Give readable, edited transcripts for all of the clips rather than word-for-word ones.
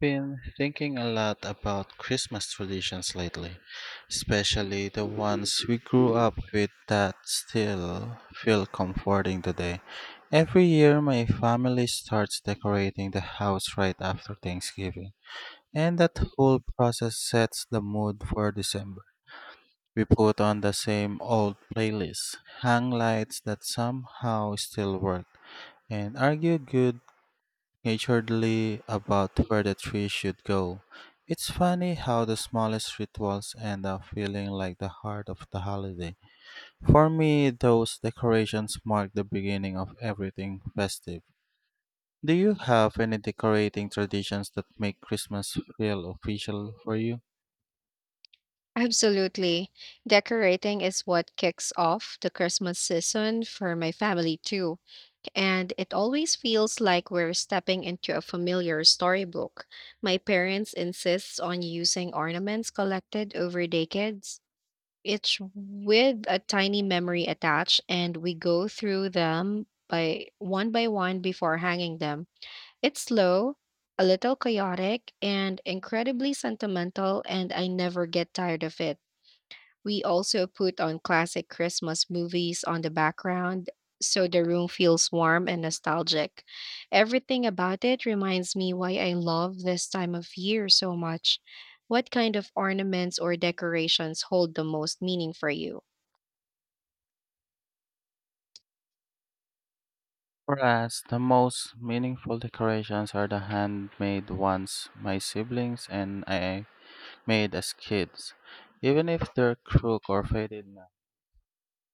Been thinking a lot about Christmas traditions lately, especially the ones we grew up with that still feel comforting today. Every year, my family starts decorating the house right after Thanksgiving, and that whole process sets the mood for December. We put on the same old playlists, hang lights that somehow still work, and argue good, naturally, about where the tree should go. It's funny how the smallest rituals end up feeling like the heart of the holiday. For me, those decorations mark the beginning of everything festive. Do you have any decorating traditions that make Christmas feel official for you? Absolutely. Decorating is what kicks off the Christmas season for my family, too. And it always feels like we're stepping into a familiar storybook. My parents insist on using ornaments collected over decades, each with a tiny memory attached, and we go through them by one before hanging them. It's slow, a little chaotic, and incredibly sentimental, and I never get tired of it. We also put on classic Christmas movies on the background so the room feels warm and nostalgic. Everything about it reminds me why I love this time of year so much. What kind of ornaments or decorations hold the most meaning for you? For us, the most meaningful decorations are the handmade ones my siblings and I made as kids, even if they're crook or faded now.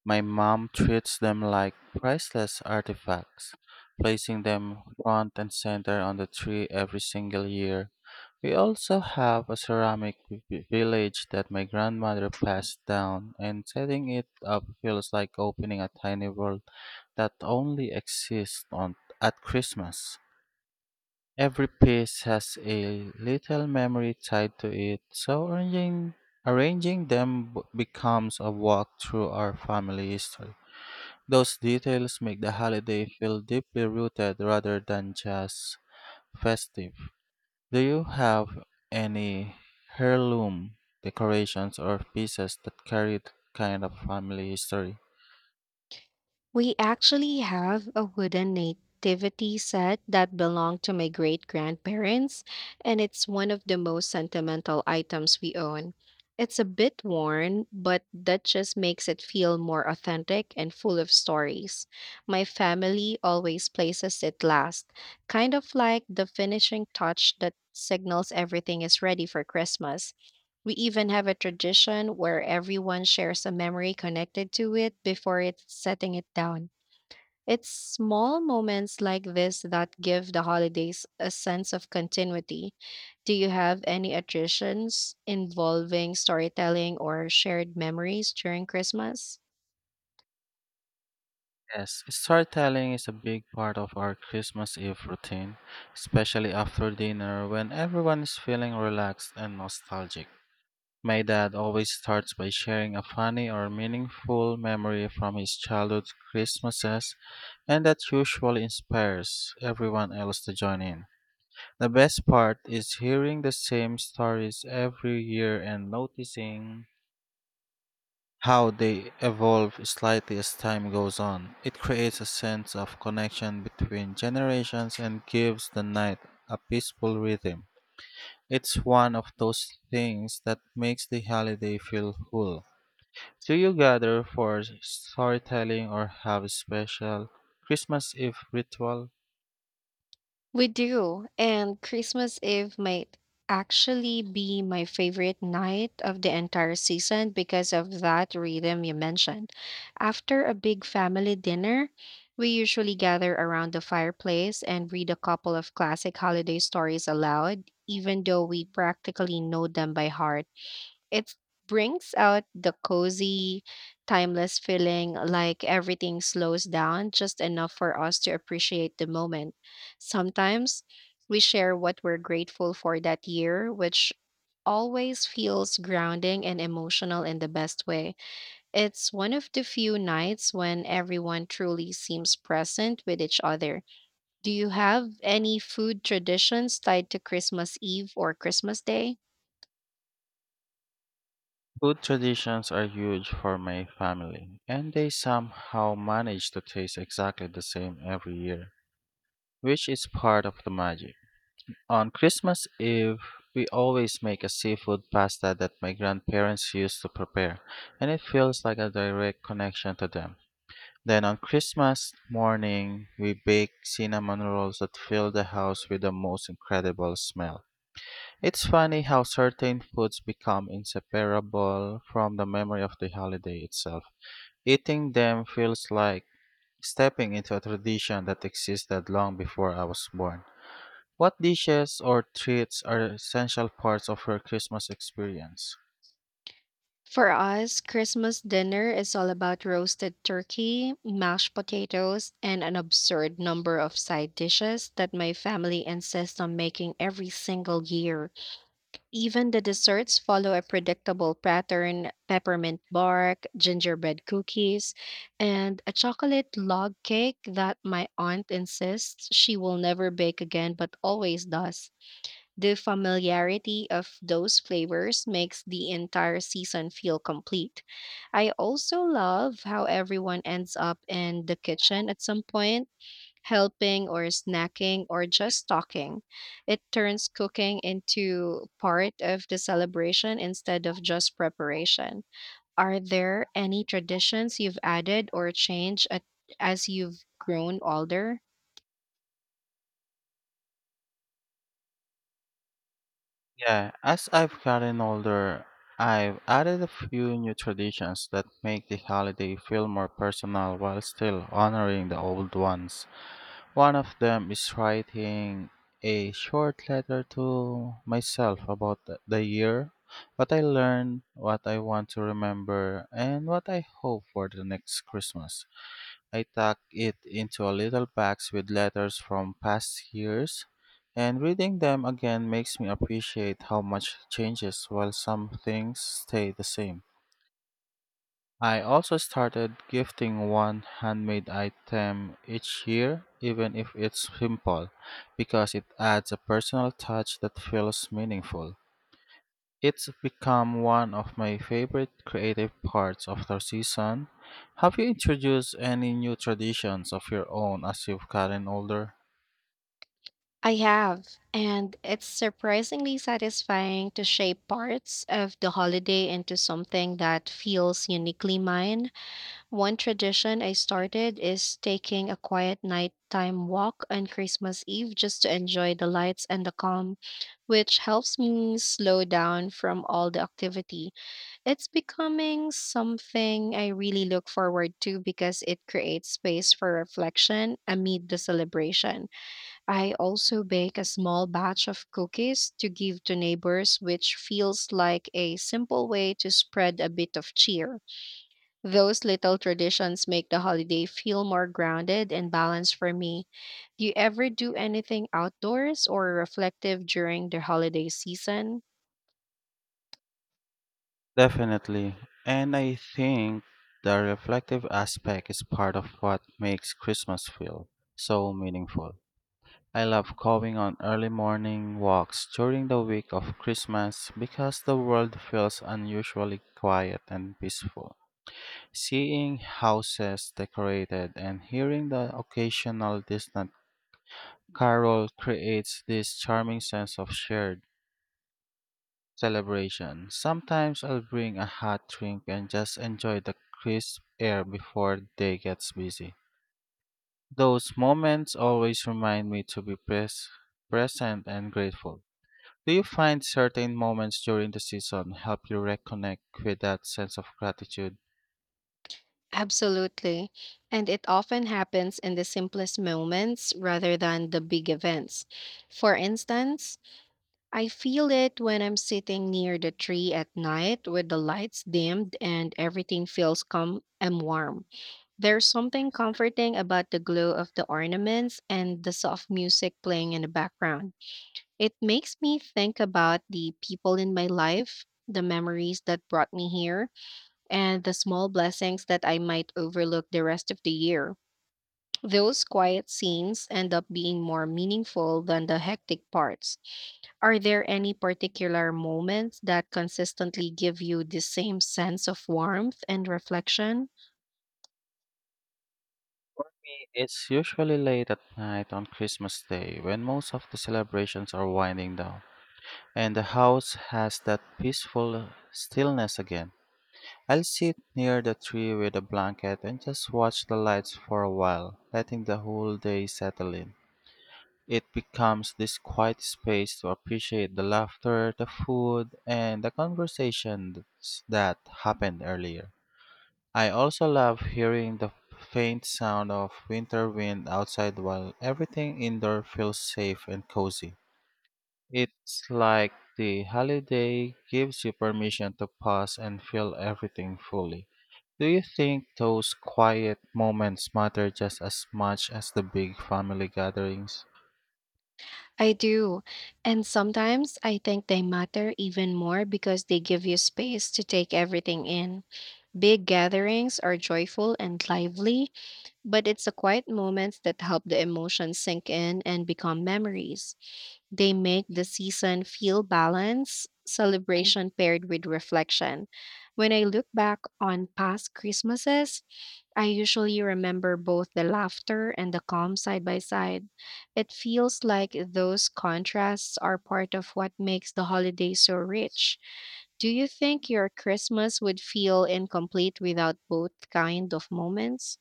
My mom treats them like priceless artifacts, placing them front and center on the tree every single year. We also have a ceramic village that my grandmother passed down, and setting it up feels like opening a tiny world that only exists on at Christmas. Every piece has a little memory tied to it, so arranging them becomes a walk through our family history. Those details make the holiday feel deeply rooted rather than just festive. Do you have any heirloom decorations or pieces that carry that kind of family history? We actually have a wooden nativity set that belonged to my great grandparents, and it's one of the most sentimental items we own. It's a bit worn, but that just makes it feel more authentic and full of stories. My family always places it last, kind of like the finishing touch that signals everything is ready for Christmas. We even have a tradition where everyone shares a memory connected to it before it's setting it down. It's small moments like this that give the holidays a sense of continuity. Do you have any traditions involving storytelling or shared memories during Christmas? Yes, storytelling is a big part of our Christmas Eve routine, especially after dinner when everyone is feeling relaxed and nostalgic. My dad always starts by sharing a funny or meaningful memory from his childhood Christmases, and that usually inspires everyone else to join in. The best part is hearing the same stories every year and noticing how they evolve slightly as time goes on. It creates a sense of connection between generations and gives the night a peaceful rhythm. It's one of those things that makes the holiday feel full. Do you gather for storytelling or have a special Christmas Eve ritual? We do, and Christmas Eve might actually be my favorite night of the entire season because of that rhythm you mentioned. After a big family dinner, we usually gather around the fireplace and read a couple of classic holiday stories aloud, even though we practically know them by heart. It brings out the cozy, timeless feeling like everything slows down just enough for us to appreciate the moment. Sometimes we share what we're grateful for that year, which always feels grounding and emotional in the best way. It's one of the few nights when everyone truly seems present with each other. Do you have any food traditions tied to Christmas Eve or Christmas Day? Food traditions are huge for my family, and they somehow manage to taste exactly the same every year, which is part of the magic. On Christmas Eve, we always make a seafood pasta that my grandparents used to prepare, and it feels like a direct connection to them. Then on Christmas morning, we bake cinnamon rolls that fill the house with the most incredible smell. It's funny how certain foods become inseparable from the memory of the holiday itself. Eating them feels like stepping into a tradition that existed long before I was born. What dishes or treats are essential parts of your Christmas experience? For us, Christmas dinner is all about roasted turkey, mashed potatoes, and an absurd number of side dishes that my family insists on making every single year. Even the desserts follow a predictable pattern: peppermint bark, gingerbread cookies, and a chocolate log cake that my aunt insists she will never bake again but always does. The familiarity of those flavors makes the entire season feel complete. I also love how everyone ends up in the kitchen at some point, helping or snacking or just talking. It turns cooking into part of the celebration instead of just preparation. Are there any traditions you've added or changed at, as you've grown older? Yeah, as I've gotten older, I've added a few new traditions that make the holiday feel more personal while still honoring the old ones. One of them is writing a short letter to myself about the year, what I learned, what I want to remember, and what I hope for the next Christmas. I tuck it into a little box with letters from past years, and reading them again makes me appreciate how much changes while some things stay the same. I also started gifting one handmade item each year, even if it's simple, because it adds a personal touch that feels meaningful. It's become one of my favorite creative parts of the season. Have you introduced any new traditions of your own as you've gotten older? I have, and it's surprisingly satisfying to shape parts of the holiday into something that feels uniquely mine. One tradition I started is taking a quiet nighttime walk on Christmas Eve just to enjoy the lights and the calm, which helps me slow down from all the activity. It's becoming something I really look forward to because it creates space for reflection amid the celebration. I also bake a small batch of cookies to give to neighbors, which feels like a simple way to spread a bit of cheer. Those little traditions make the holiday feel more grounded and balanced for me. Do you ever do anything outdoors or reflective during the holiday season? Definitely. And I think the reflective aspect is part of what makes Christmas feel so meaningful. I love going on early morning walks during the week of Christmas because the world feels unusually quiet and peaceful. Seeing houses decorated and hearing the occasional distant carol creates this charming sense of shared celebration. Sometimes I'll bring a hot drink and just enjoy the crisp air before the day gets busy. Those moments always remind me to be present and grateful. Do you find certain moments during the season help you reconnect with that sense of gratitude? Absolutely. And it often happens in the simplest moments rather than the big events. For instance, I feel it when I'm sitting near the tree at night with the lights dimmed and everything feels calm and warm. There's something comforting about the glow of the ornaments and the soft music playing in the background. It makes me think about the people in my life, the memories that brought me here, and the small blessings that I might overlook the rest of the year. Those quiet scenes end up being more meaningful than the hectic parts. Are there any particular moments that consistently give you the same sense of warmth and reflection? It's usually late at night on Christmas Day when most of the celebrations are winding down, and the house has that peaceful stillness again. I'll sit near the tree with a blanket and just watch the lights for a while, letting the whole day settle in. It becomes this quiet space to appreciate the laughter, the food, and the conversations that happened earlier. I also love hearing the faint sound of winter wind outside while everything indoor feels safe and cozy. It's like the holiday gives you permission to pause and feel everything fully. Do you think those quiet moments matter just as much as the big family gatherings? I do. And sometimes I think they matter even more because they give you space to take everything in. Big gatherings are joyful and lively, but it's the quiet moments that help the emotions sink in and become memories. They make the season feel balanced, celebration paired with reflection. When I look back on past Christmases, I usually remember both the laughter and the calm side by side. It feels like those contrasts are part of what makes the holiday so rich. Do you think your Christmas would feel incomplete without both kind of moments?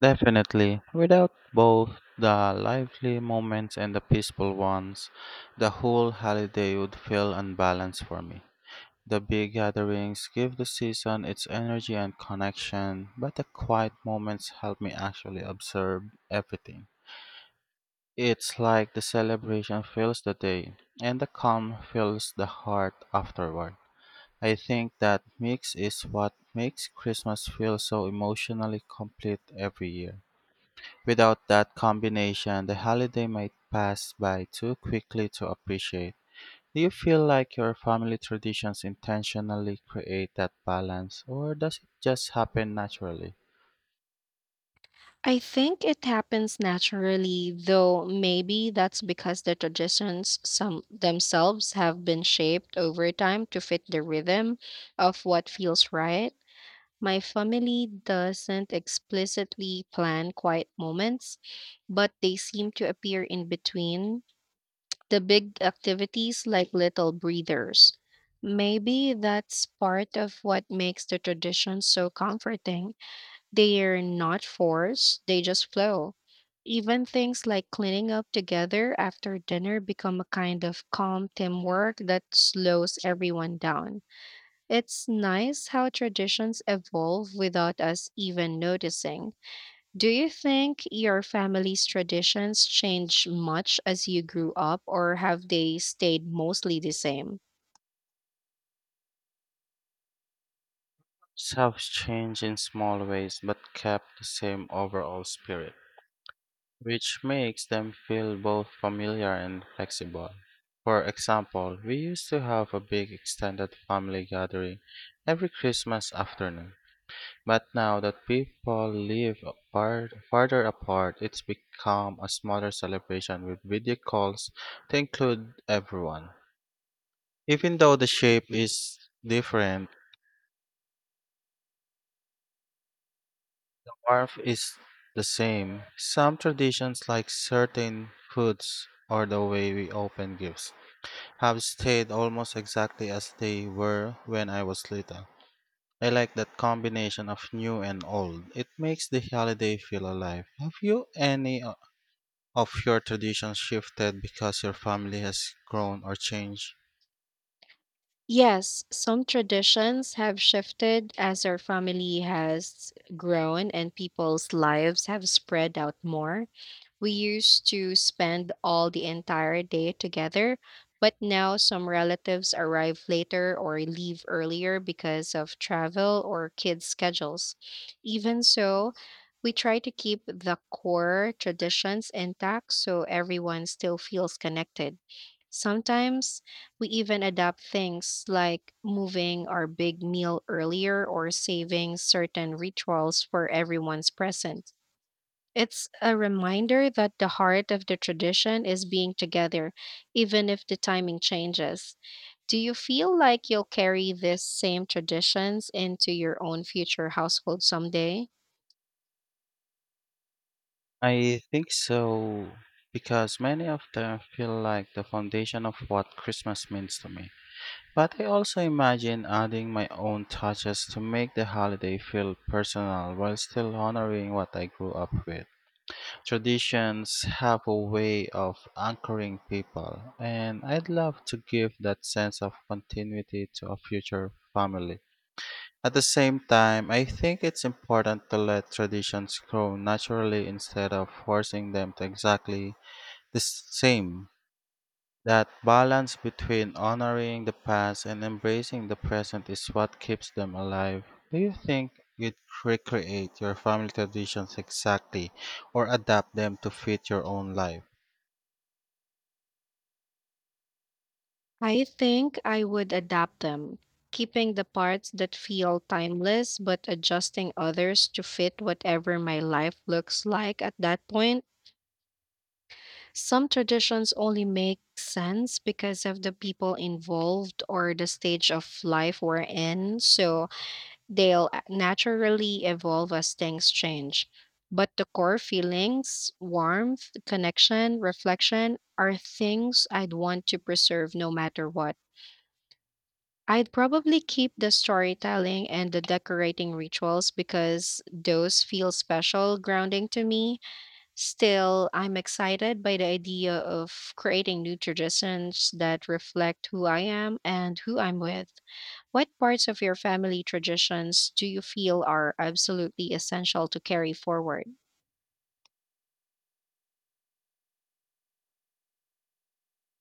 Definitely. Without both the lively moments and the peaceful ones, the whole holiday would feel unbalanced for me. The big gatherings give the season its energy and connection, but the quiet moments help me actually observe everything. It's like the celebration fills the day, and the calm fills the heart afterward. I think that mix is what makes Christmas feel so emotionally complete every year. Without that combination, the holiday might pass by too quickly to appreciate. Do you feel like your family traditions intentionally create that balance, or does it just happen naturally? I think it happens naturally, though maybe that's because the traditions some themselves have been shaped over time to fit the rhythm of what feels right. My family doesn't explicitly plan quiet moments, but they seem to appear in between the big activities like little breathers. Maybe that's part of what makes the tradition so comforting. They're not forced, they just flow. Even things like cleaning up together after dinner become a kind of calm teamwork that slows everyone down. It's nice how traditions evolve without us even noticing. Do you think your family's traditions changed much as you grew up, or have they stayed mostly the same? Some change in small ways but kept the same overall spirit, which makes them feel both familiar and flexible. For example, we used to have a big extended family gathering every Christmas afternoon. But now that people live apart, farther apart, it's become a smaller celebration with video calls to include everyone. Even though the shape is different, warmth is the same. Some traditions, like certain foods or the way we open gifts, have stayed almost exactly as they were when I was little. I like that combination of new and old. It makes the holiday feel alive. Have you any Of your traditions shifted because your family has grown or changed? Yes, some traditions have shifted as our family has grown and people's lives have spread out more. We used to spend all the entire day together, but now some relatives arrive later or leave earlier because of travel or kids' schedules. Even so, we try to keep the core traditions intact so everyone still feels connected. Sometimes we even adapt things like moving our big meal earlier or saving certain rituals for everyone's present. It's a reminder that the heart of the tradition is being together, even if the timing changes. Do you feel like you'll carry these same traditions into your own future household someday? I think so, because many of them feel like the foundation of what Christmas means to me. But I also imagine adding my own touches to make the holiday feel personal while still honoring what I grew up with. Traditions have a way of anchoring people, and I'd love to give that sense of continuity to a future family. At the same time, I think it's important to let traditions grow naturally instead of forcing them to exactly the same. That balance between honoring the past and embracing the present is what keeps them alive. Do you think you'd recreate your family traditions exactly or adapt them to fit your own life? I think I would adapt them, keeping the parts that feel timeless but adjusting others to fit whatever my life looks like at that point. Some traditions only make sense because of the people involved or the stage of life we're in, so naturally evolve as things change. But the core feelings, warmth, connection, reflection, are things I'd want to preserve no matter what. I'd probably keep the storytelling and the decorating rituals because those feel special, grounding to me. Still, I'm excited by the idea of creating new traditions that reflect who I am and who I'm with. What parts of your family traditions do you feel are absolutely essential to carry forward?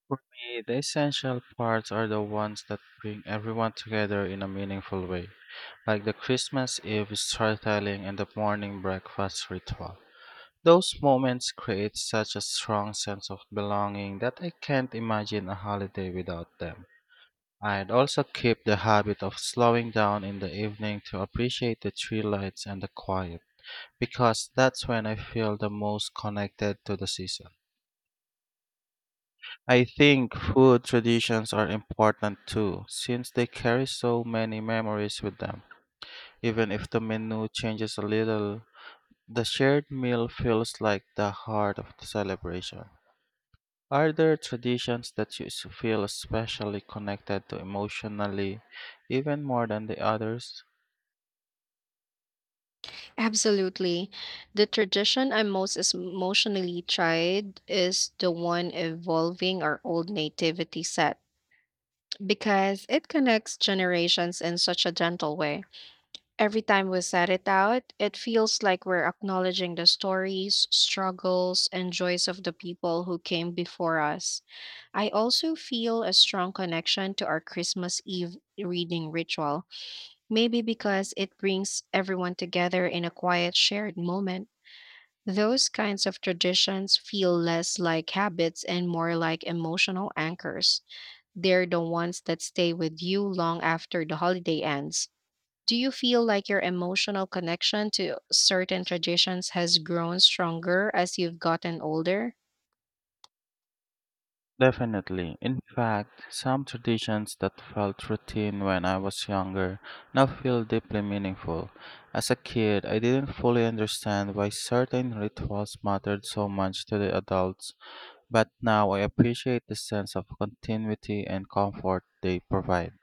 For me, the essential parts are the ones that bring everyone together in a meaningful way, like the Christmas Eve storytelling and the morning breakfast ritual. Those moments create such a strong sense of belonging that I can't imagine a holiday without them. I'd also keep the habit of slowing down in the evening to appreciate the tree lights and the quiet, because that's when I feel the most connected to the season. I think food traditions are important too, since they carry so many memories with them. Even if the menu changes a little, the shared meal feels like the heart of the celebration. Are there traditions that you feel especially connected to emotionally, even more than the others? Absolutely. The tradition emotionally tried is the one involving our old nativity set, because it connects generations in such a gentle way. Every time we set it out, it feels like we're acknowledging the stories, struggles, and joys of the people who came before us. I also feel a strong connection to our Christmas Eve reading ritual, maybe because it brings everyone together in a quiet, shared moment. Those kinds of traditions feel less like habits and more like emotional anchors. They're the ones that stay with you long after the holiday ends. Do you feel like your emotional connection to certain traditions has grown stronger as you've gotten older? Definitely. In fact, some traditions that felt routine when I was younger now feel deeply meaningful. As a kid, I didn't fully understand why certain rituals mattered so much to the adults, but now I appreciate the sense of continuity and comfort they provide.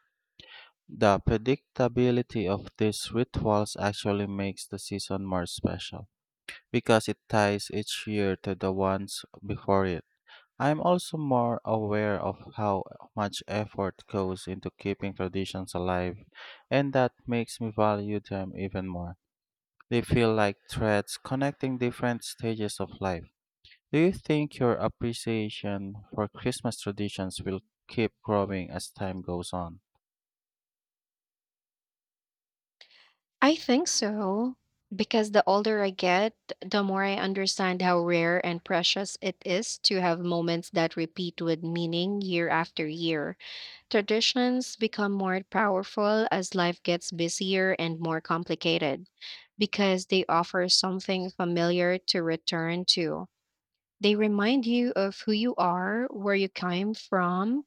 The predictability of these rituals actually makes the season more special because it ties each year to the ones before it. I am also more aware of how much effort goes into keeping traditions alive, and that makes me value them even more. They feel like threads connecting different stages of life. Do you think your appreciation for Christmas traditions will keep growing as time goes on? I think so. Because the older I get, the more I understand how rare and precious it is to have moments that repeat with meaning year after year. Traditions become more powerful as life gets busier and more complicated because they offer something familiar to return to. They remind you of who you are, where you came from,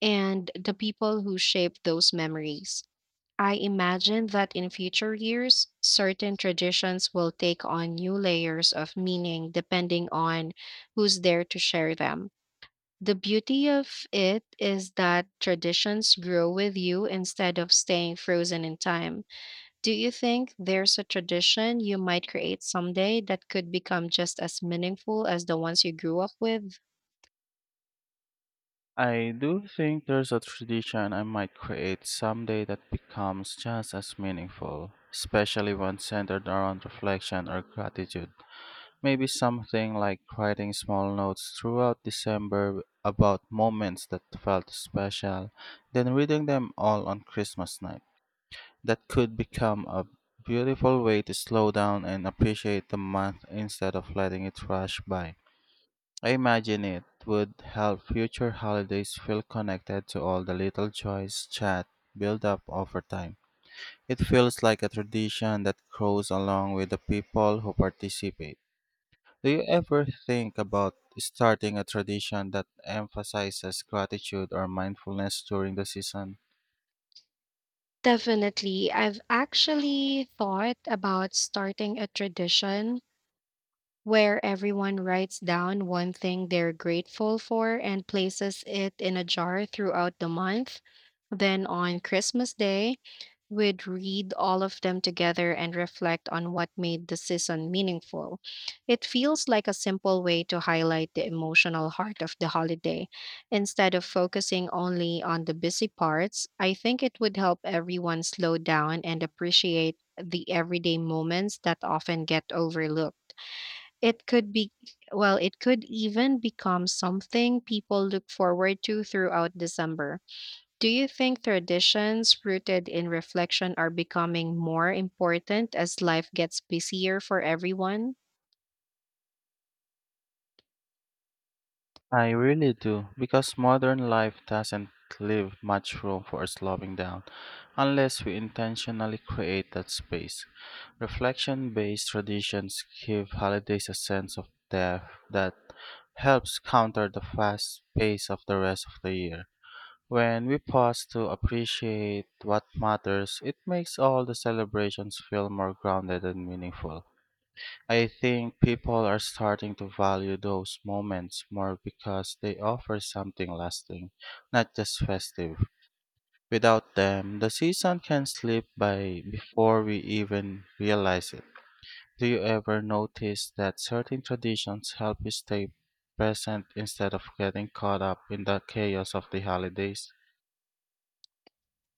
and the people who shaped those memories. I imagine that in future years, certain traditions will take on new layers of meaning depending on who's there to share them. The beauty of it is that traditions grow with you instead of staying frozen in time. Do you think there's a tradition you might create someday that could become just as meaningful as the ones you grew up with? I do think there's a tradition I might create someday that becomes just as meaningful, especially one centered around reflection or gratitude. Maybe something like writing small notes throughout December about moments that felt special, then reading them all on Christmas night. That could become a beautiful way to slow down and appreciate the month instead of letting it rush by. I imagine it would help future holidays feel connected to all the little joys chat build up over time. It feels like a tradition that grows along with the people who participate. Do you ever think about starting a tradition that emphasizes gratitude or mindfulness during the season? Definitely. I've actually thought about starting a tradition where everyone writes down one thing they're grateful for and places it in a jar throughout the month. Then on Christmas Day, we'd read all of them together and reflect on what made the season meaningful. It feels like a simple way to highlight the emotional heart of the holiday. Instead of focusing only on the busy parts, I think it would help everyone slow down and appreciate the everyday moments that often get overlooked. It could be, well, it could even become something people look forward to throughout December. Do you think traditions rooted in reflection are becoming more important as life gets busier for everyone? I really do, because modern life doesn't leave much room for slowing down unless we intentionally create that space. Reflection based traditions give holidays a sense of depth that helps counter the fast pace of the rest of the year. When we pause to appreciate what matters, it makes all the celebrations feel more grounded and meaningful. I think people are starting to value those moments more because they offer something lasting, not just festive. Without them, the season can slip by before we even realize it. Do you ever notice that certain traditions help you stay present instead of getting caught up in the chaos of the holidays?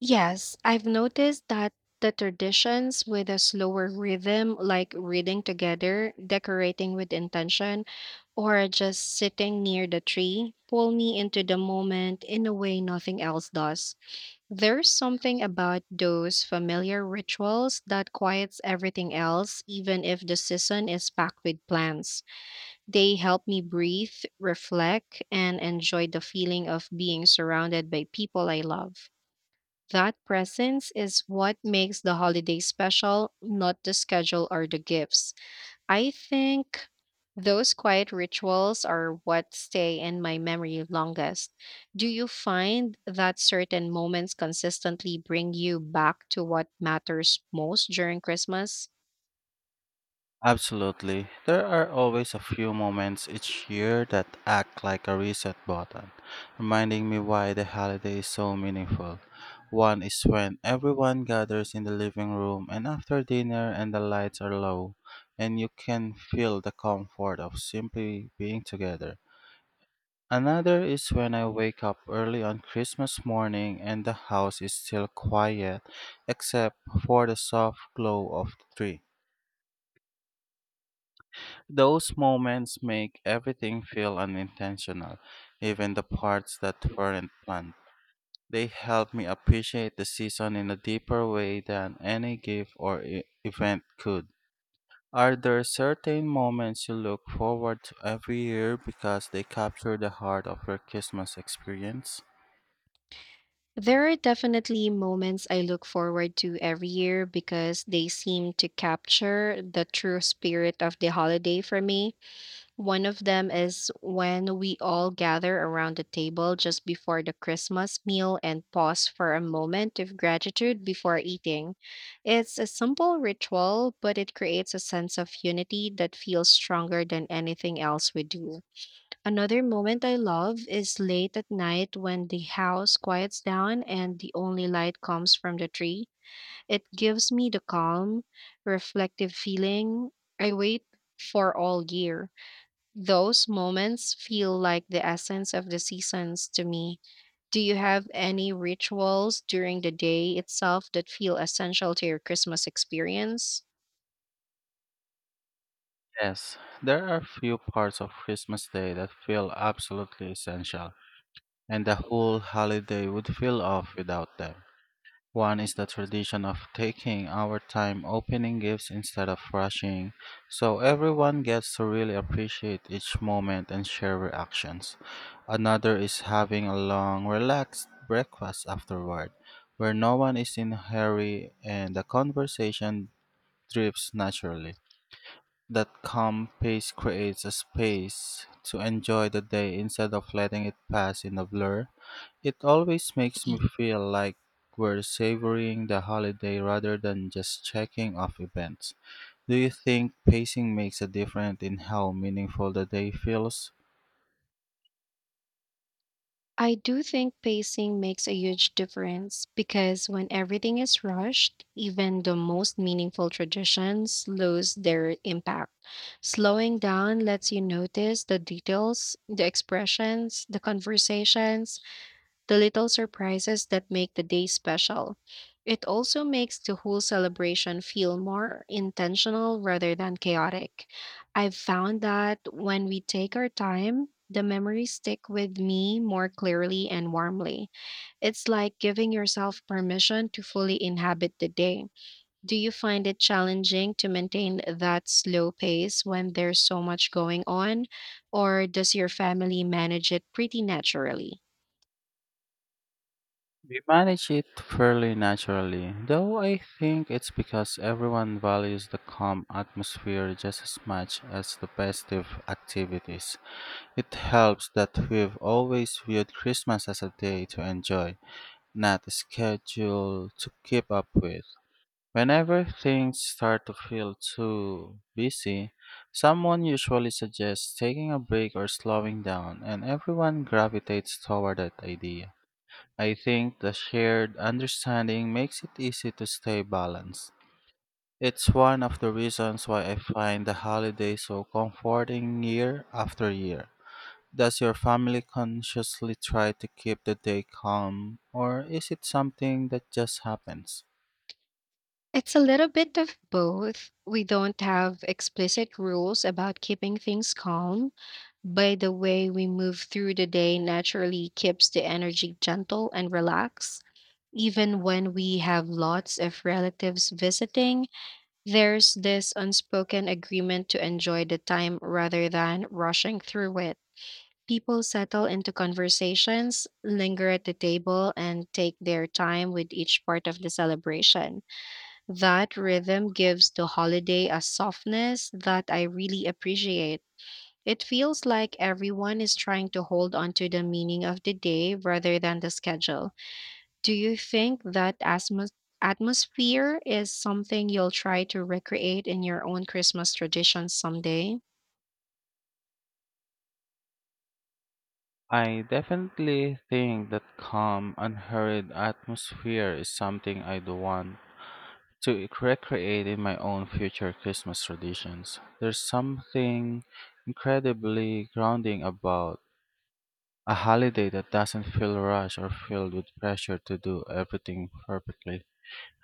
Yes, I've noticed that the traditions with a slower rhythm, like reading together, decorating with intention, or just sitting near the tree, pull me into the moment in a way nothing else does. There's something about those familiar rituals that quiets everything else, even if the season is packed with plans. They help me breathe, reflect, and enjoy the feeling of being surrounded by people I love. That presence is what makes the holiday special, not the schedule or the gifts. I think those quiet rituals are what stay in my memory longest. Do you find that certain moments consistently bring you back to what matters most during Christmas? Absolutely. There are always a few moments each year that act like a reset button, reminding me why the holiday is so meaningful. One is when everyone gathers in the living room and after dinner and the lights are low, and you can feel the comfort of simply being together. Another is when I wake up early on Christmas morning and the house is still quiet except for the soft glow of the tree. Those moments make everything feel unintentional, even the parts that weren't planned. They help me appreciate the season in a deeper way than any gift or event could. Are there certain moments you look forward to every year because they capture the heart of your Christmas experience? There are definitely moments I look forward to every year because they seem to capture the true spirit of the holiday for me. One of them is when we all gather around the table just before the Christmas meal and pause for a moment of gratitude before eating. It's a simple ritual, but it creates a sense of unity that feels stronger than anything else we do. Another moment I love is late at night when the house quiets down and the only light comes from the tree. It gives me the calm, reflective feeling I wait for all year. Those moments feel like the essence of the seasons to me. Do you have any rituals during the day itself that feel essential to your Christmas experience? Yes, there are few parts of Christmas Day that feel absolutely essential, and the whole holiday would feel off without them. One is the tradition of taking our time opening gifts instead of rushing, so everyone gets to really appreciate each moment and share reactions. Another is having a long, relaxed breakfast afterward, where no one is in a hurry and the conversation drifts naturally. That calm pace creates a space to enjoy the day instead of letting it pass in a blur. It always makes Mm. me feel like we're savoring the holiday rather than just checking off events. Do you think pacing makes a difference in how meaningful the day feels? I do think pacing makes a huge difference because when everything is rushed, even the most meaningful traditions lose their impact. Slowing down lets you notice the details, the expressions, the conversations, the little surprises that make the day special. It also makes the whole celebration feel more intentional rather than chaotic. I've found that when we take our time, the memories stick with me more clearly and warmly. It's like giving yourself permission to fully inhabit the day. Do you find it challenging to maintain that slow pace when there's so much going on, or does your family manage it pretty naturally? We manage it fairly naturally, though I think it's because everyone values the calm atmosphere just as much as the festive activities. It helps that we've always viewed Christmas as a day to enjoy, not a schedule to keep up with. Whenever things start to feel too busy, someone usually suggests taking a break or slowing down, and everyone gravitates toward that idea. I think the shared understanding makes it easy to stay balanced. It's one of the reasons why I find the holiday so comforting year after year. Does your family consciously try to keep the day calm, or is it something that just happens? It's a little bit of both. We don't have explicit rules about keeping things calm, but the way we move through the day naturally keeps the energy gentle and relaxed. Even when we have lots of relatives visiting, there's this unspoken agreement to enjoy the time rather than rushing through it. People settle into conversations, linger at the table, and take their time with each part of the celebration. That rhythm gives the holiday a softness that I really appreciate. It feels like everyone is trying to hold on to the meaning of the day rather than the schedule. Do you think that atmosphere is something you'll try to recreate in your own Christmas traditions someday? I definitely think that calm, unhurried atmosphere is something I'd want to recreate in my own future Christmas traditions. There's something incredibly grounding about a holiday that doesn't feel rushed or filled with pressure to do everything perfectly.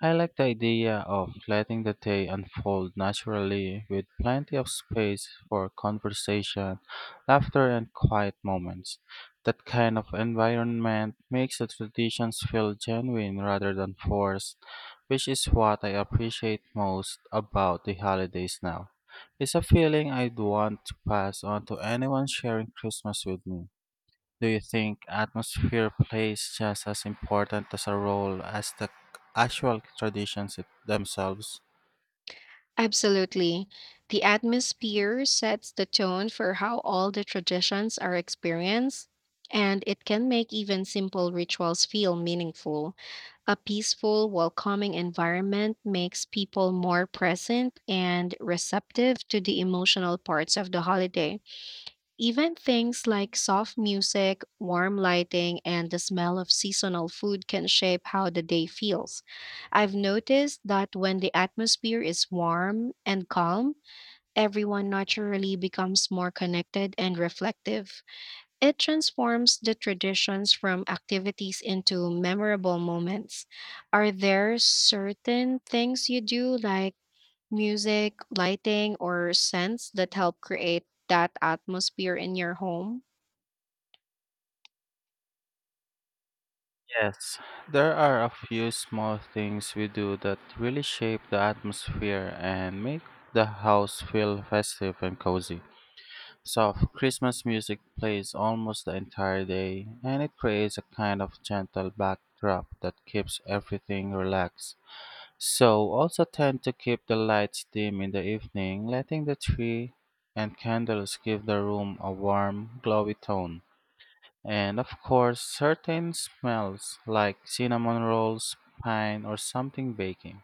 I like the idea of letting the day unfold naturally with plenty of space for conversation, laughter, and quiet moments. That kind of environment makes the traditions feel genuine rather than forced, which is what I appreciate most about the holidays now. It's a feeling I'd want to pass on to anyone sharing Christmas with me. Do you think atmosphere plays just as important as a role as the actual traditions themselves? Absolutely. The atmosphere sets the tone for how all the traditions are experienced, and it can make even simple rituals feel meaningful. A peaceful, welcoming environment makes people more present and receptive to the emotional parts of the holiday. Even things like soft music, warm lighting, and the smell of seasonal food can shape how the day feels. I've noticed that when the atmosphere is warm and calm, everyone naturally becomes more connected and reflective. It transforms the traditions from activities into memorable moments. Are there certain things you do, like music, lighting, or scents that help create that atmosphere in your home? Yes, there are a few small things we do that really shape the atmosphere and make the house feel festive and cozy. Soft Christmas music plays almost the entire day, and it creates a kind of gentle backdrop that keeps everything relaxed. So also tend to keep the lights dim in the evening, letting the tree and candles give the room a warm, glowy tone. And of course, certain smells like cinnamon rolls, pine, or something baking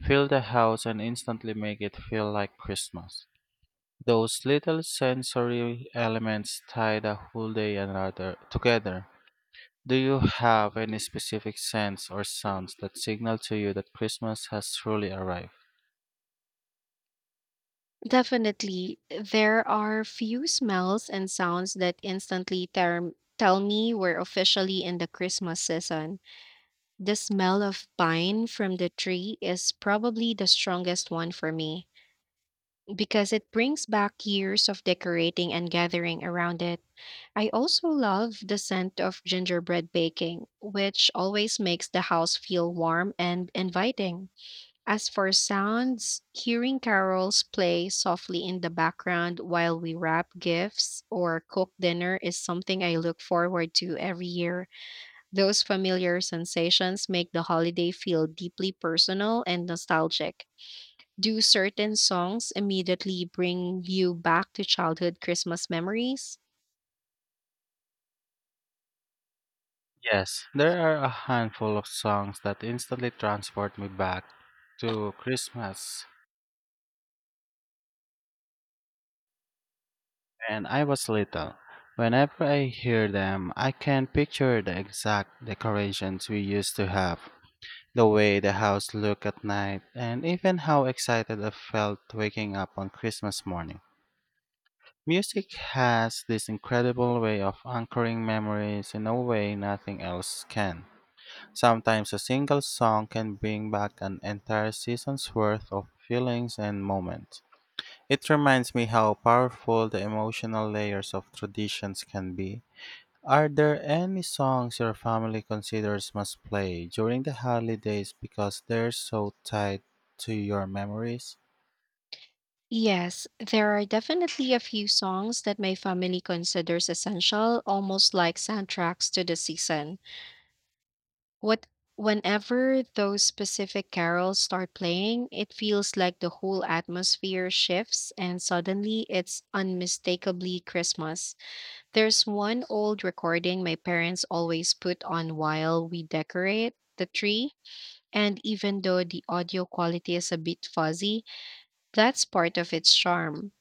fill the house and instantly make it feel like Christmas. Those little sensory elements tie the whole day another together. Do you have any specific scents or sounds that signal to you that Christmas has truly arrived? Definitely, there are few smells and sounds that instantly tell me we're officially in the Christmas season. The smell of pine from the tree is probably the strongest one for me because it brings back years of decorating and gathering around it. I also love the scent of gingerbread baking, which always makes the house feel warm and inviting. As for sounds, hearing carols play softly in the background while we wrap gifts or cook dinner is something I look forward to every year. Those familiar sensations make the holiday feel deeply personal and nostalgic. Do certain songs immediately bring you back to childhood Christmas memories? Yes, there are a handful of songs that instantly transport me back to Christmas when I was little. Whenever I hear them, I can picture the exact decorations we used to have, the way the house looked at night, and even how excited I felt waking up on Christmas morning. Music has this incredible way of anchoring memories in a way nothing else can. Sometimes a single song can bring back an entire season's worth of feelings and moments. It reminds me how powerful the emotional layers of traditions can be. Are there any songs your family considers must play during the holidays because they're so tied to your memories? Yes, there are definitely a few songs that my family considers essential, almost like soundtracks to the season. What Whenever those specific carols start playing, it feels like the whole atmosphere shifts and suddenly it's unmistakably Christmas. There's one old recording my parents always put on while we decorate the tree, and even though the audio quality is a bit fuzzy, that's part of its charm.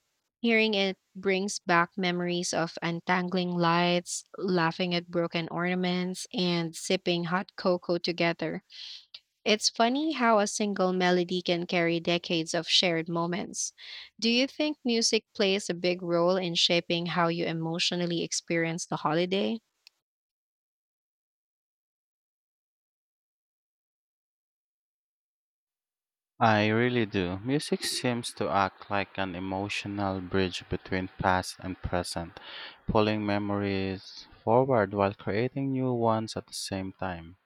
Hearing it brings back memories of untangling lights, laughing at broken ornaments, and sipping hot cocoa together. It's funny how a single melody can carry decades of shared moments. Do you think music plays a big role in shaping how you emotionally experience the holiday? I really do. Music seems to act like an emotional bridge between past and present, pulling memories forward while creating new ones at the same time.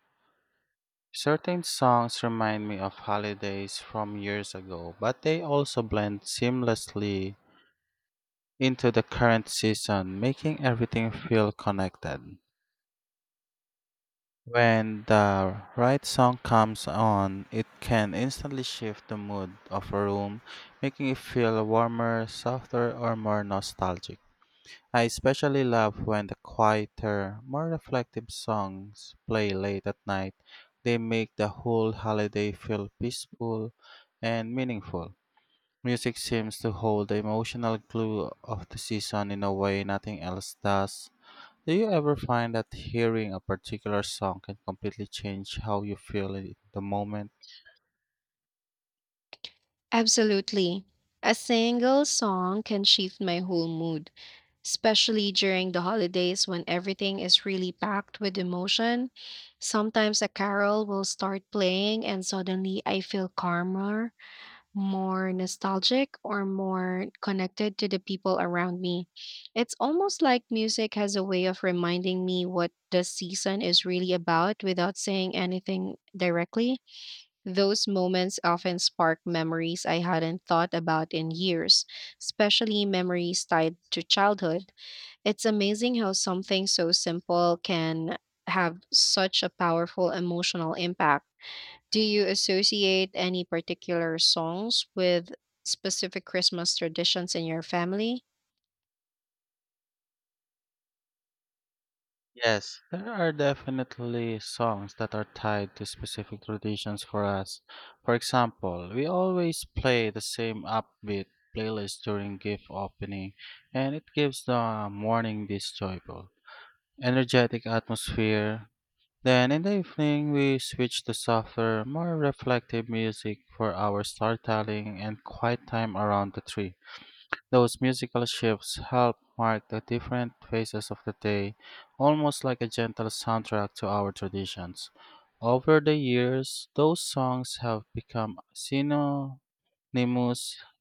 Certain songs remind me of holidays from years ago, but they also blend seamlessly into the current season, making everything feel connected. When the right song comes on, it can instantly shift the mood of a room, making it feel warmer, softer, or more nostalgic. I especially love when the quieter, more reflective songs play late at night. They make the whole holiday feel peaceful and meaningful. Music seems to hold the emotional glue of the season in a way nothing else does. Do you ever find that hearing a particular song can completely change how you feel in the moment? Absolutely. A single song can shift my whole mood, especially during the holidays when everything is really packed with emotion. Sometimes a carol will start playing, and suddenly I feel calmer, more nostalgic, or more connected to the people around me. It's almost like music has a way of reminding me what the season is really about without saying anything directly. Those moments often spark memories I hadn't thought about in years, especially memories tied to childhood. It's amazing how something so simple can have such a powerful emotional impact. Do you associate any particular songs with specific Christmas traditions in your family? Yes, there are definitely songs that are tied to specific traditions for us. For example, we always play the same upbeat playlist during gift opening, and it gives the morning this joyful, energetic atmosphere. Then in the evening, we switch to softer, more reflective music for our storytelling and quiet time around the tree. Those musical shifts help mark the different phases of the day, almost like a gentle soundtrack to our traditions. Over the years, those songs have become synonymous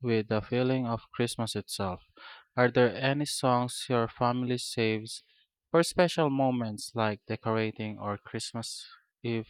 with the feeling of Christmas itself. Are there any songs your family saves for special moments like decorating or Christmas Eve?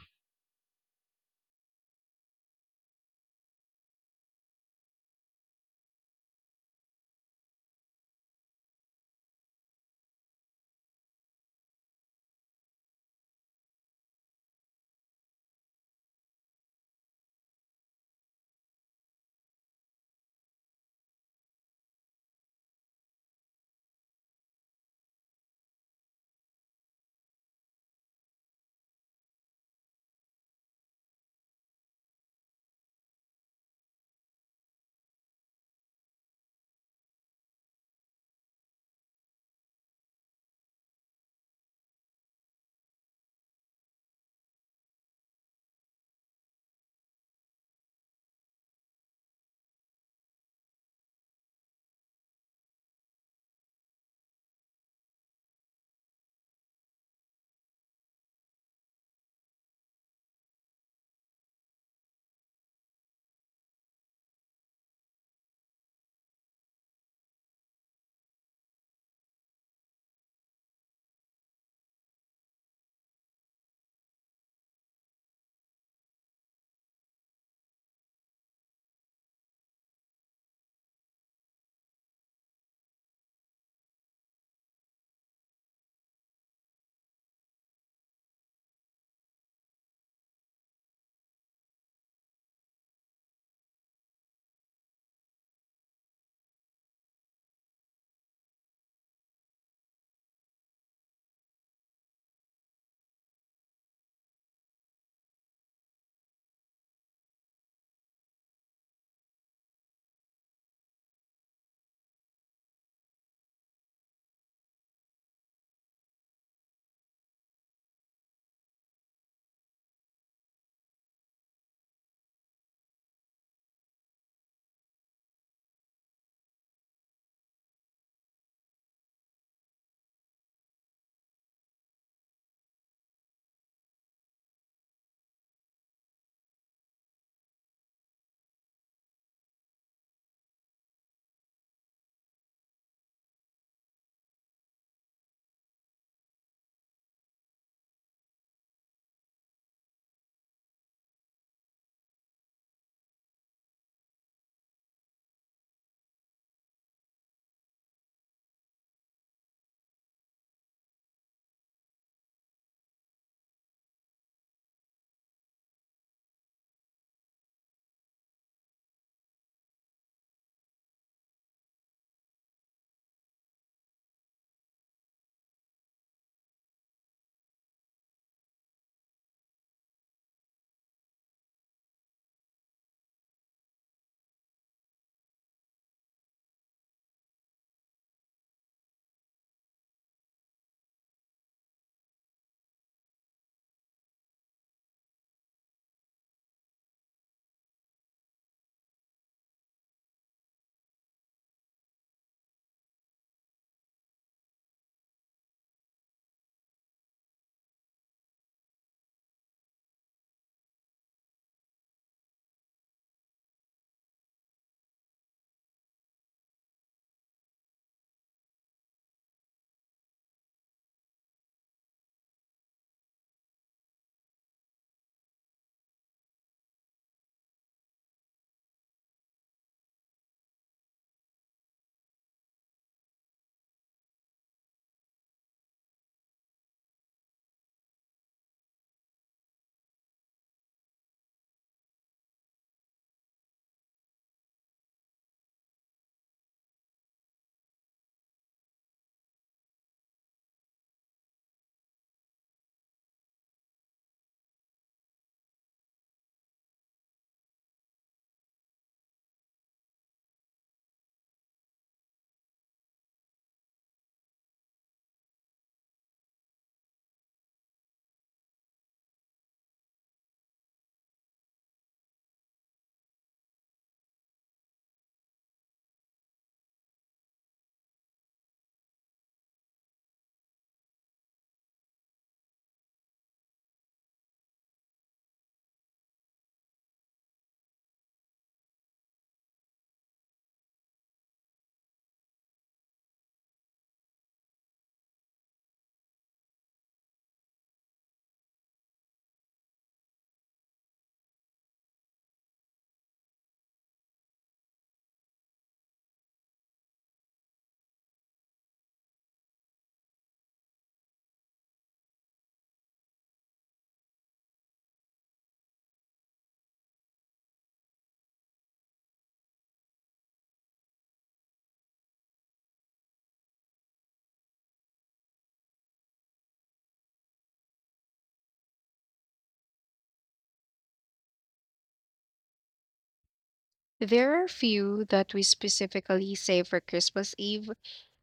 There are a few that we specifically save for Christmas Eve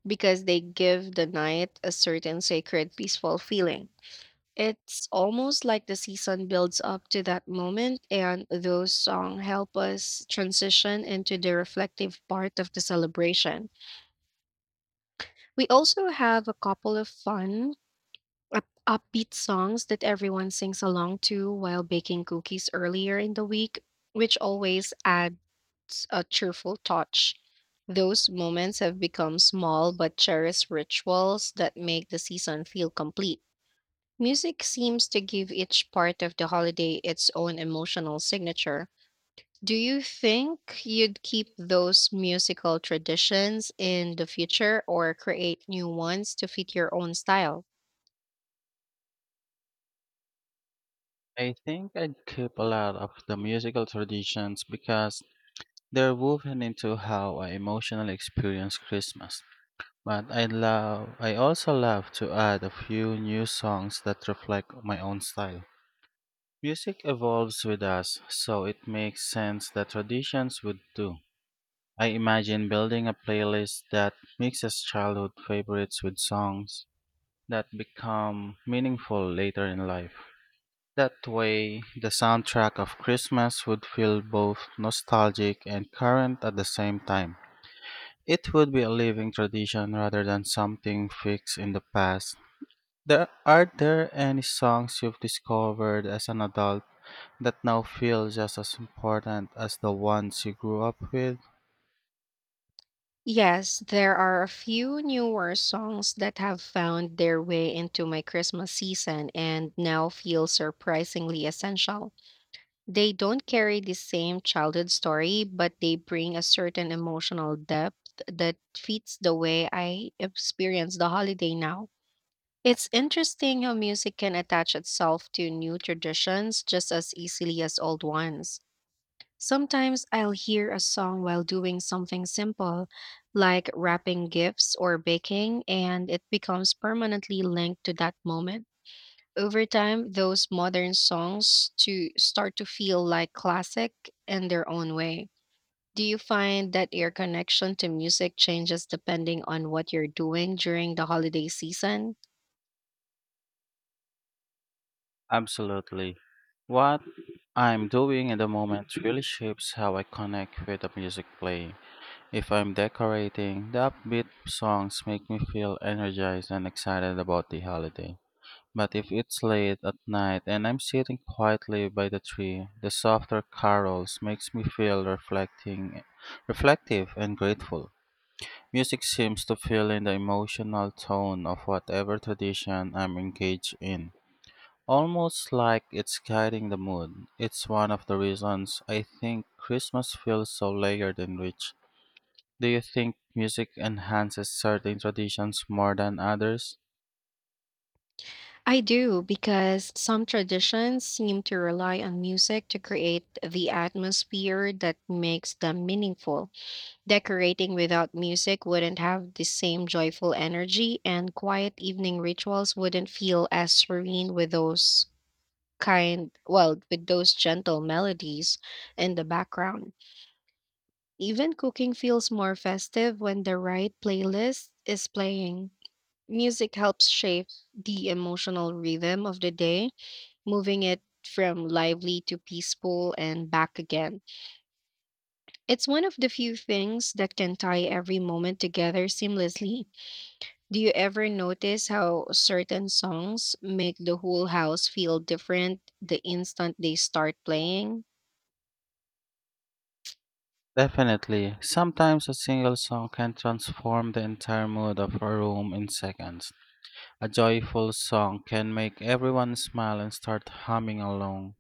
because they give the night a certain sacred, peaceful feeling. It's almost like the season builds up to that moment, and those songs help us transition into the reflective part of the celebration. We also have a couple of fun upbeat songs that everyone sings along to while baking cookies earlier in the week, which always adds a cheerful touch. Those moments have become small but cherished rituals that make the season feel complete. Music seems to give each part of the holiday its own emotional signature. Do you think you'd keep those musical traditions in the future or create new ones to fit your own style? I think I'd keep a lot of the musical traditions because they're woven into how I emotionally experience Christmas. But I also love to add a few new songs that reflect my own style. Music evolves with us, so it makes sense that traditions would too. I imagine building a playlist that mixes childhood favorites with songs that become meaningful later in life. That way, the soundtrack of Christmas would feel both nostalgic and current at the same time. It would be a living tradition rather than something fixed in the past. Are there any songs you've discovered as an adult that now feel just as important as the ones you grew up with? Yes, there are a few newer songs that have found their way into my Christmas season and now feel surprisingly essential. They don't carry the same childhood story, but they bring a certain emotional depth that fits the way I experience the holiday now. It's interesting how music can attach itself to new traditions just as easily as old ones. Sometimes I'll hear a song while doing something simple, like wrapping gifts or baking, and it becomes permanently linked to that moment. Over time, those modern songs to start to feel like classic in their own way. Do you find that your connection to music changes depending on what you're doing during the holiday season? Absolutely. What I'm doing in the moment really shapes how I connect with the music playing. If I'm decorating, the upbeat songs make me feel energized and excited about the holiday. But if it's late at night and I'm sitting quietly by the tree, the softer carols makes me feel reflective and grateful. Music seems to fill in the emotional tone of whatever tradition I'm engaged in, almost like it's guiding the mood. It's one of the reasons I think Christmas feels so layered and rich. Do you think music enhances certain traditions more than others? I do, because some traditions seem to rely on music to create the atmosphere that makes them meaningful. Decorating without music wouldn't have the same joyful energy, and quiet evening rituals wouldn't feel as serene with those with those gentle melodies in the background. Even cooking feels more festive when the right playlist is playing. Music helps shape the emotional rhythm of the day, moving it from lively to peaceful and back again. It's one of the few things that can tie every moment together seamlessly. Do you ever notice how certain songs make the whole house feel different the instant they start playing? Definitely. Sometimes a single song can transform the entire mood of a room in seconds. A joyful song can make everyone smile and start humming along,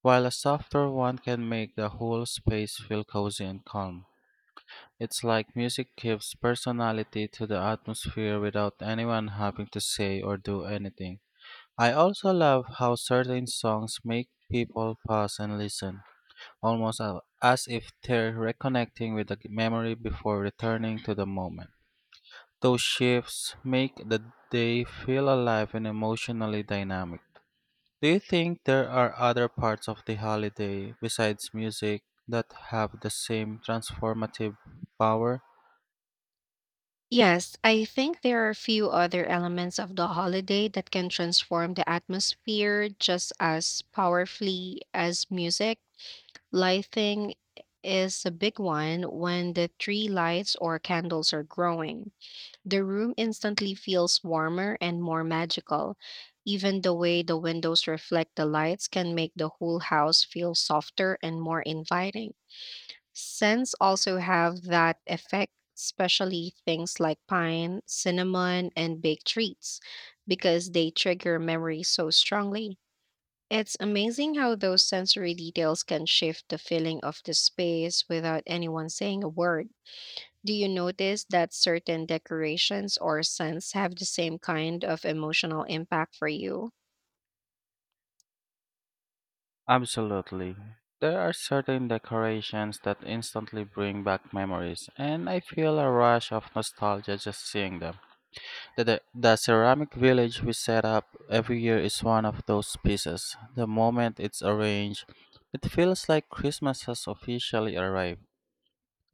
while a softer one can make the whole space feel cozy and calm. It's like music gives personality to the atmosphere without anyone having to say or do anything. I also love how certain songs make people pause and listen, almost as if they're reconnecting with the memory before returning to the moment. Those shifts make the day feel alive and emotionally dynamic. Do you think there are other parts of the holiday besides music that have the same transformative power? Yes, I think there are a few other elements of the holiday that can transform the atmosphere just as powerfully as music. Lighting is a big one. When the tree lights or candles are growing, the room instantly feels warmer and more magical. Even the way the windows reflect the lights can make the whole house feel softer and more inviting. Scents also have that effect, especially things like pine, cinnamon, and baked treats, because they trigger memories so strongly. It's amazing how those sensory details can shift the feeling of the space without anyone saying a word. Do you notice that certain decorations or scents have the same kind of emotional impact for you? Absolutely. There are certain decorations that instantly bring back memories, and I feel a rush of nostalgia just seeing them. The ceramic village we set up every year is one of those pieces. The moment it's arranged, it feels like Christmas has officially arrived.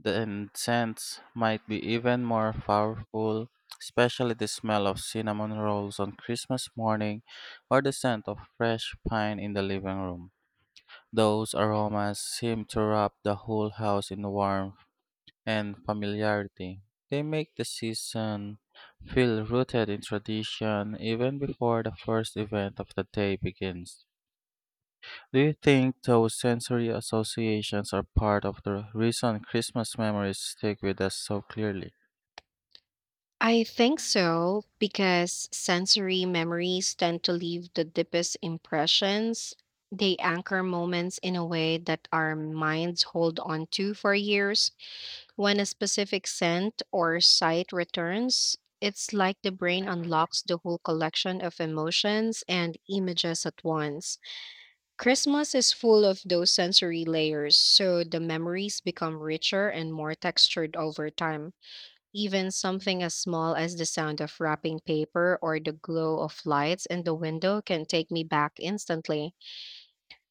The incense might be even more powerful, especially the smell of cinnamon rolls on Christmas morning or the scent of fresh pine in the living room. Those aromas seem to wrap the whole house in warmth and familiarity. They make the season feel rooted in tradition even before the first event of the day begins. Do you think those sensory associations are part of the reason Christmas memories stick with us so clearly? I think so, because sensory memories tend to leave the deepest impressions. They anchor moments in a way that our minds hold on to for years. When a specific scent or sight returns, it's like the brain unlocks the whole collection of emotions and images at once. Christmas is full of those sensory layers, so the memories become richer and more textured over time. Even something as small as the sound of wrapping paper or the glow of lights in the window can take me back instantly.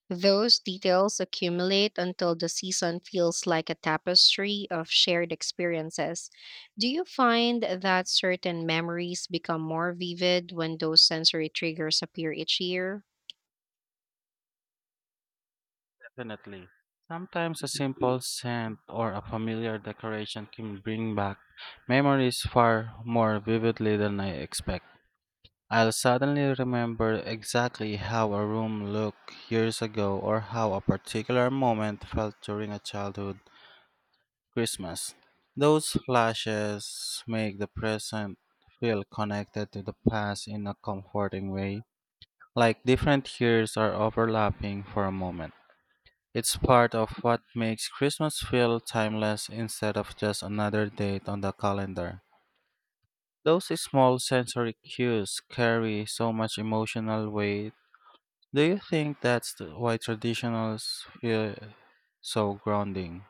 Those details accumulate until the season feels like a tapestry of shared experiences. Do you find that certain memories become more vivid when those sensory triggers appear each year? Definitely. Sometimes a simple scent or a familiar decoration can bring back memories far more vividly than I expect. I'll suddenly remember exactly how a room looked years ago or how a particular moment felt during a childhood Christmas. Those flashes make the present feel connected to the past in a comforting way, like different years are overlapping for a moment. It's part of what makes Christmas feel timeless instead of just another date on the calendar. Those small sensory cues carry so much emotional weight. Do you think why traditionals feel so grounding?